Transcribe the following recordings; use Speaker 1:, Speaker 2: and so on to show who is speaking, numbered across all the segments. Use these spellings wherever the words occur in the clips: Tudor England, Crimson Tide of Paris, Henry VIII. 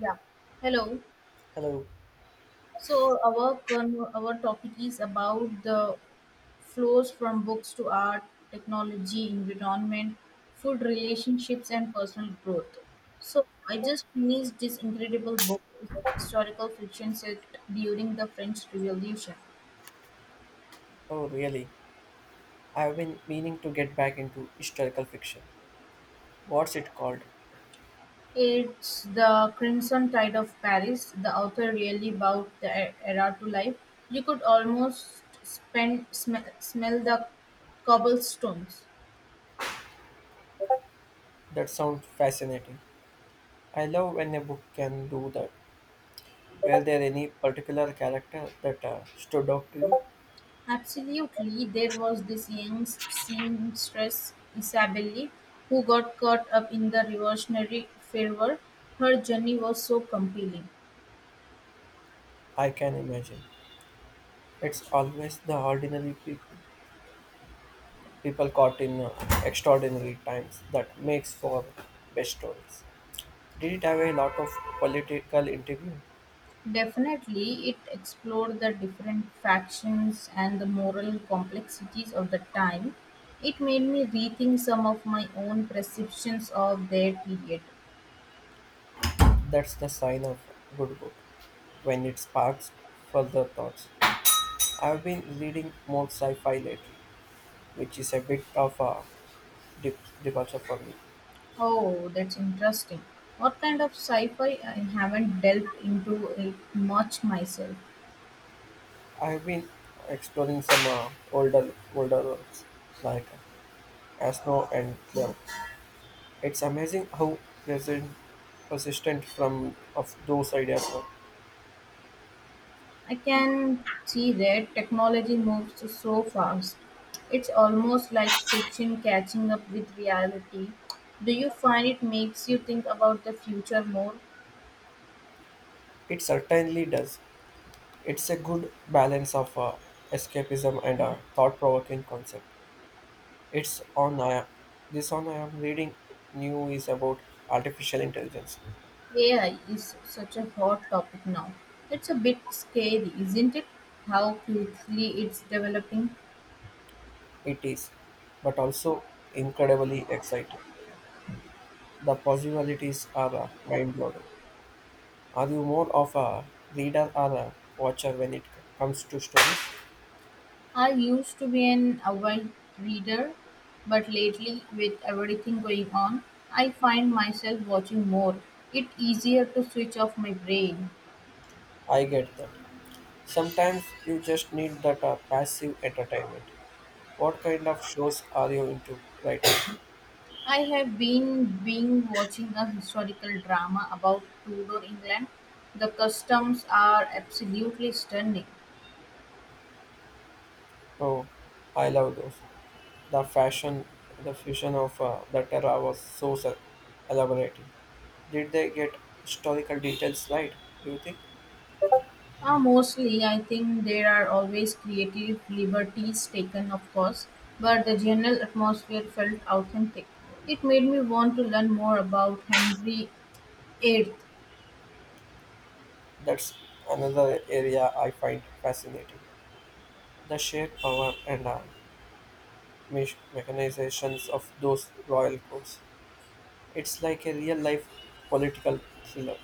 Speaker 1: Yeah. Hello.
Speaker 2: Hello.
Speaker 1: So our topic is about the flows from books to art, technology, environment, food, relationships, and personal growth. So I just finished this incredible book, historical fiction set during the French Revolution.
Speaker 2: Oh, really? I've been meaning to get back into historical fiction. What's it called?
Speaker 1: It's the Crimson Tide of Paris. The author really brought the era to life. You could almost smell the cobblestones.
Speaker 2: That sounds fascinating. I love when a book can do that. Were there any particular character that stood out to you?
Speaker 1: Absolutely, there was this young seamstress, Isabelle, who got caught up in the revolutionary fervor. Her journey was so compelling.
Speaker 2: I can imagine. It's always the ordinary people, people caught in extraordinary times, that makes for best stories. Did it have a lot of political intrigue?
Speaker 1: Definitely, it explored the different factions and the moral complexities of the time. It made me rethink some of my own perceptions of their period.
Speaker 2: That's the sign of a good book when it sparks further thoughts. I've been reading more sci-fi lately, which is a bit of a departure for me.
Speaker 1: Oh, that's interesting. What kind of sci fi? I haven't delved into it much myself.
Speaker 2: I've been exploring some older works like Asno and Clem. It's amazing how present persistent from of those ideas were.
Speaker 1: I can see that technology moves so fast. It's almost like fiction catching up with reality. Do you find it makes you think about the future more?
Speaker 2: It certainly does. It's a good balance of escapism and a thought-provoking concept. It's on I This one I am reading new is about artificial intelligence.
Speaker 1: AI is such a hot topic now. It's a bit scary, isn't it? How quickly it's developing.
Speaker 2: It is, but also incredibly exciting. The possibilities are mind blowing. Are you more of a reader or a watcher when it comes to stories?
Speaker 1: I used to be an avid reader, but lately, with everything going on, I find myself watching more. It's easier to switch off my brain.
Speaker 2: I get that. Sometimes you just need that passive entertainment. What kind of shows are you into right now?
Speaker 1: I have been being watching a historical drama about Tudor England. The customs are absolutely stunning.
Speaker 2: Oh, I love those. The fashion, the fusion of the terra was so elaborating. Did they get historical details right? Do you think?
Speaker 1: Mostly, I think there are always creative liberties taken, of course, but the general atmosphere felt authentic. It made me want to learn more about Henry VIII.
Speaker 2: That's another area I find fascinating. The sheer power and mechanizations of those royal courts. It's like a real life political thriller.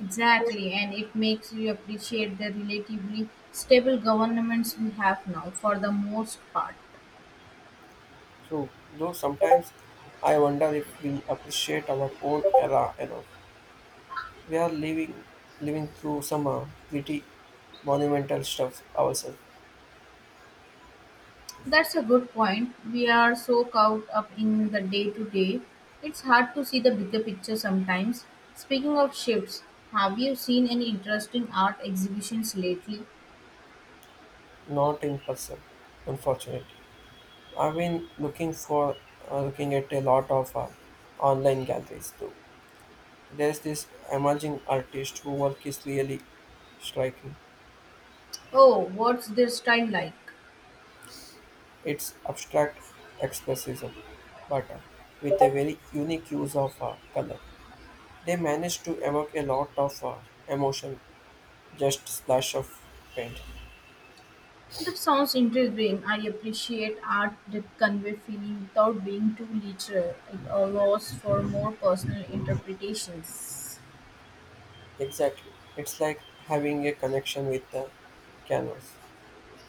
Speaker 1: Exactly, and it makes you appreciate the relatively stable governments we have now for the most part.
Speaker 2: True, though sometimes I wonder if we appreciate our own era enough. We are living through some pretty monumental stuff ourselves,
Speaker 1: That's a good point. We are so caught up in the day to day, it's hard to see the bigger picture sometimes. Speaking of shifts, have you seen any interesting art exhibitions lately?
Speaker 2: not in person, unfortunately. I've been looking for looking at a lot of online galleries too. There's this emerging artist whose work is really striking.
Speaker 1: Oh, what's their style like?
Speaker 2: It's abstract expressionism, but with a very unique use of color. They manage to evoke a lot of emotion, just splash of paint.
Speaker 1: That sounds intriguing. I appreciate art that convey feeling without being too literal. It allows for more personal interpretations.
Speaker 2: Exactly. It's like having a connection with the canvas.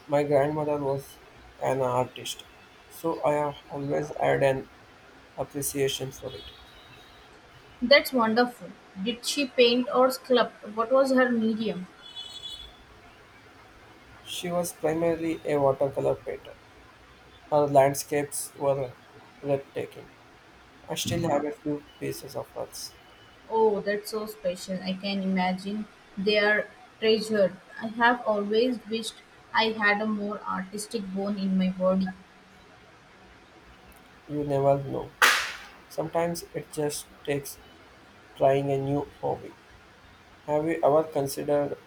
Speaker 2: My grandmother was an artist, so I have always had an appreciation for it.
Speaker 1: That's wonderful. Did she paint or sculpt? What was her medium?
Speaker 2: She was primarily a watercolor painter. Her landscapes were breathtaking. I still have a few pieces of hers.
Speaker 1: Oh, that's so special. I can imagine they are treasured. I have always wished I had a more artistic bone in my body.
Speaker 2: You never know. Sometimes it just takes trying a new hobby. Have you ever considered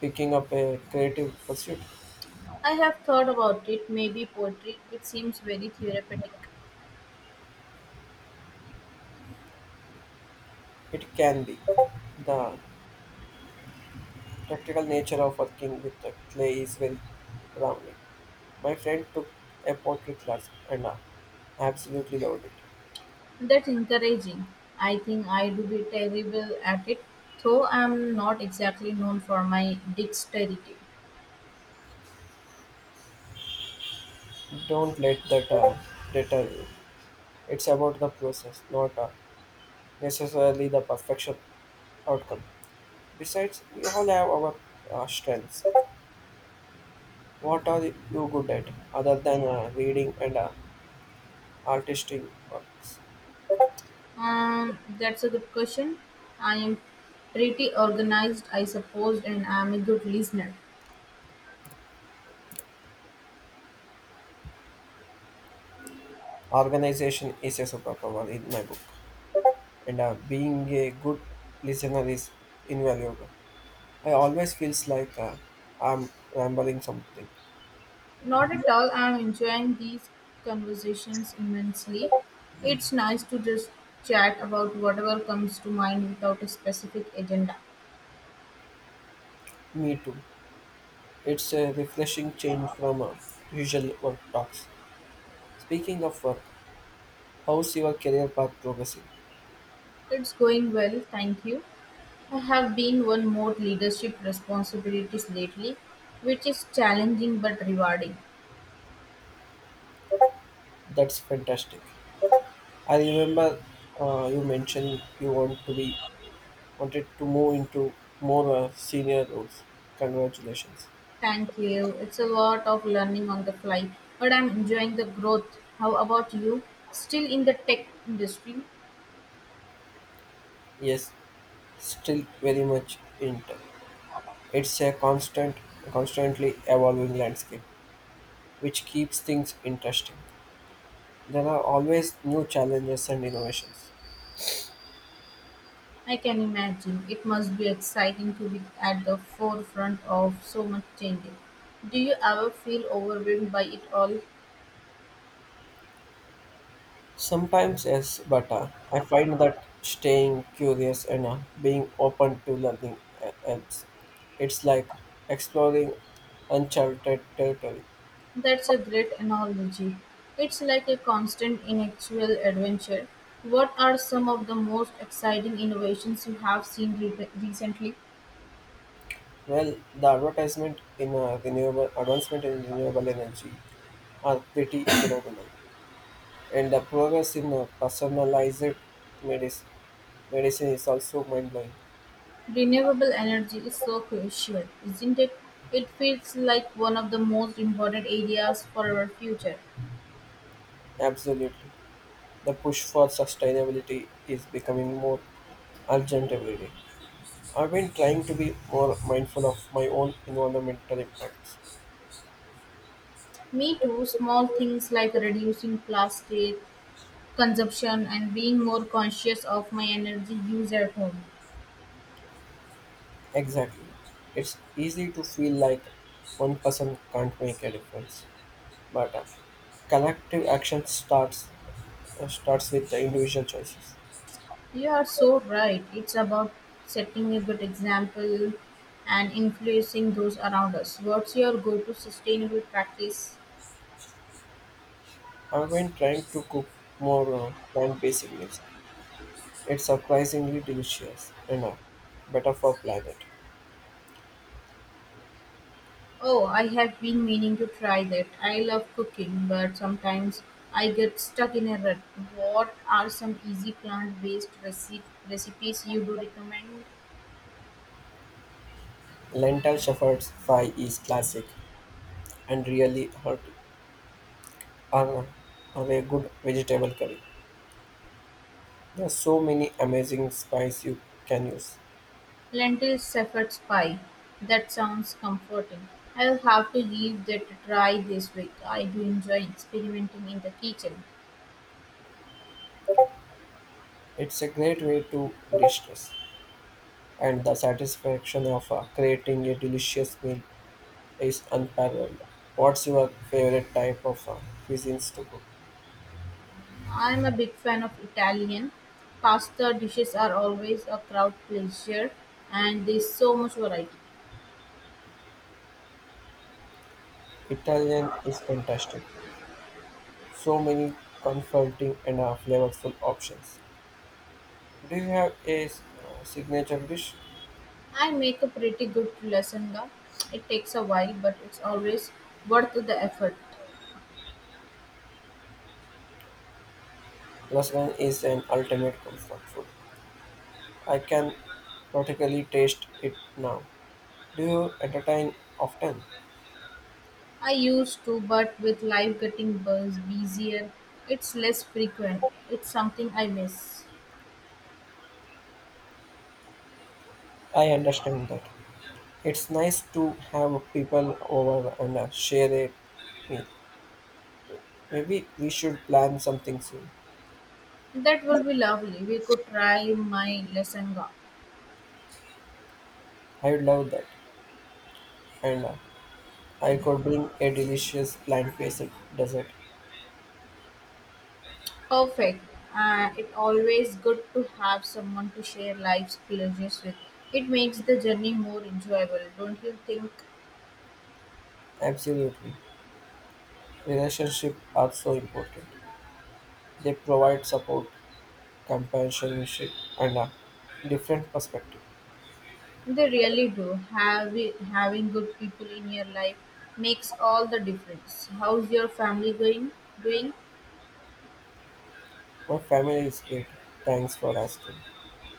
Speaker 2: picking up a creative pursuit?
Speaker 1: I have thought about it, maybe poetry. It seems very therapeutic.
Speaker 2: It can be. The practical nature of working with the clay is very grounding. My friend took a pottery class and absolutely loved it.
Speaker 1: That's encouraging. I think I do be terrible at it, though I'm not exactly known for my dexterity.
Speaker 2: Don't let that deter you. It's about the process, not necessarily the perfection outcome. Besides, we all have our strengths. What are you good at other than reading and artistic works?
Speaker 1: That's a good question. I am pretty organized, I suppose, and I'm a good listener.
Speaker 2: Organization is a superpower in my book, and being a good listener is invaluable. I always feels like I'm rambling something.
Speaker 1: Not at all. I'm enjoying these conversations immensely. It's nice to just chat about whatever comes to mind without a specific agenda.
Speaker 2: Me too. It's a refreshing change from usual work talks. Speaking of work, how's your career path progressing?
Speaker 1: It's going well, thank you. I have been one more leadership responsibilities lately, which is challenging but rewarding.
Speaker 2: That's fantastic. I remember you mentioned you want to be wanted to move into more senior roles. Congratulations.
Speaker 1: Thank you. It's a lot of learning on the fly, but I'm enjoying the growth. How about you? Still in the tech industry?
Speaker 2: Yes, still very much in touch. It's a constantly evolving landscape, which keeps things interesting. There are always new challenges and innovations.
Speaker 1: I can imagine. It must be exciting to be at the forefront of so much change. Do you ever feel overwhelmed by it all?
Speaker 2: Sometimes yes, but I find that staying curious and being open to learning helps. It's like exploring uncharted territory.
Speaker 1: That's a great analogy. It's like a constant intellectual adventure. What are some of the most exciting innovations you have seen recently?
Speaker 2: Well, the advertisement in renewable advancement in renewable energy are pretty phenomenal, and the progress in personalized medicine medicine is also mind blowing.
Speaker 1: Renewable energy is so crucial, isn't it? It feels like one of the most important areas for our future.
Speaker 2: Absolutely, the push for sustainability is becoming more urgent every day. I've been trying to be more mindful of my own environmental impacts.
Speaker 1: Me too, small things like reducing plastic consumption and being more conscious of my energy use at home.
Speaker 2: Exactly, it's easy to feel like one person can't make a difference. But collective action starts with the individual choices.
Speaker 1: You are so right. It's about setting a good example and influencing those around us. What's your go to sustainable practice?
Speaker 2: I've been trying to cook more plant-based meals. It's surprisingly delicious and better for planet.
Speaker 1: Oh, I have been meaning to try that. I love cooking, but sometimes I get stuck in a rut. What are some easy plant based recipes you do recommend?
Speaker 2: Lentil shepherd's pie is classic and really hearty. Are, are a good vegetable curry. There are so many amazing spices you can use.
Speaker 1: Lentil shepherd's pie. That sounds comforting. I'll have to give that a try this week. I do enjoy experimenting in the kitchen.
Speaker 2: It's a great way to distress, and the satisfaction of creating a delicious meal is unparalleled. What's your favorite type of cuisines to cook?
Speaker 1: I'm a big fan of Italian. Pasta dishes are always a crowd pleaser and there's so much variety.
Speaker 2: Italian is fantastic. So many comforting and flavorful options. Do you have a signature dish?
Speaker 1: I make a pretty good lasagna. It takes a while, but it's always worth the effort.
Speaker 2: Lasagna is an ultimate comfort food. I can practically taste it now. Do you entertain often?
Speaker 1: I used to, but with life busier, it's less frequent. It's something I miss.
Speaker 2: I understand that. It's nice to have people over and share a meal. Maybe we should plan something soon.
Speaker 1: That will be lovely. We could try my Lesanga.
Speaker 2: I would love that. And I could bring a delicious plant-based dessert.
Speaker 1: Perfect. It's always good to have someone to share life's pleasures with. It makes the journey more enjoyable, don't you think?
Speaker 2: Absolutely. Relationships are so important. They provide support, companionship, and a different perspective.
Speaker 1: They really do. Having good people in your life makes all the difference. How's your family going? Doing?
Speaker 2: My family is great. Thanks for asking.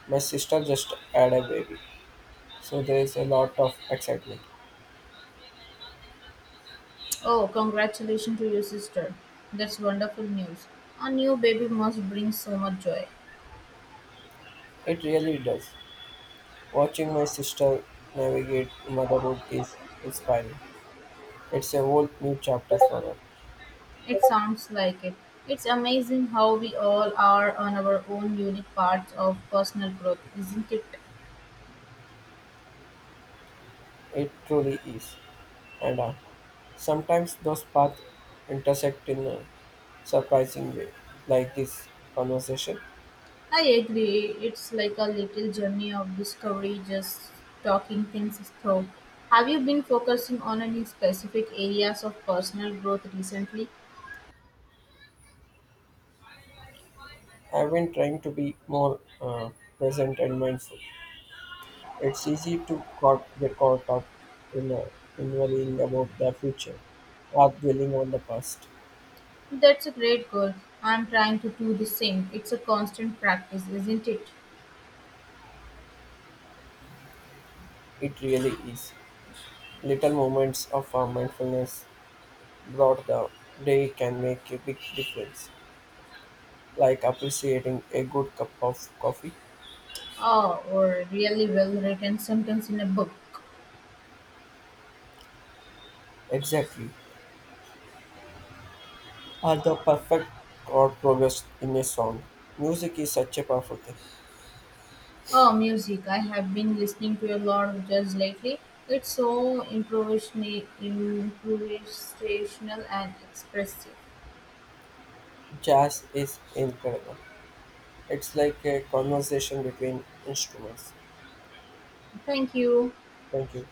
Speaker 2: My sister just had a baby, so there is a lot of excitement.
Speaker 1: Oh, congratulations to your sister. That's wonderful news. A new baby must bring so much joy.
Speaker 2: It really does. Watching my sister navigate motherhood is inspiring. It's a whole new chapter for her.
Speaker 1: It sounds like it. It's amazing how we all are on our own unique parts of personal growth, isn't it?
Speaker 2: It truly is. And sometimes those paths intersect in a surprising way, like this conversation.
Speaker 1: I agree. It's like a little journey of discovery, just talking things through. Have you been focusing on any specific areas of personal growth recently?
Speaker 2: I've been trying to be more present and mindful. It's easy to get caught up in, uh, in worrying about the future or dwelling on the past.
Speaker 1: That's a great goal. I'm trying to do the same. It's a constant practice, isn't it?
Speaker 2: It really is. Little moments of mindfulness brought the day can make a big difference, like appreciating a good cup of coffee.
Speaker 1: Oh, or really well written sentence in a book.
Speaker 2: Exactly. Although perfect chord progress in a song, music is such a powerful thing.
Speaker 1: Oh, music. I have been listening to a lot of jazz lately. It's so improvisational and expressive.
Speaker 2: Jazz is incredible. It's like a conversation between instruments.
Speaker 1: Thank you.
Speaker 2: Thank you.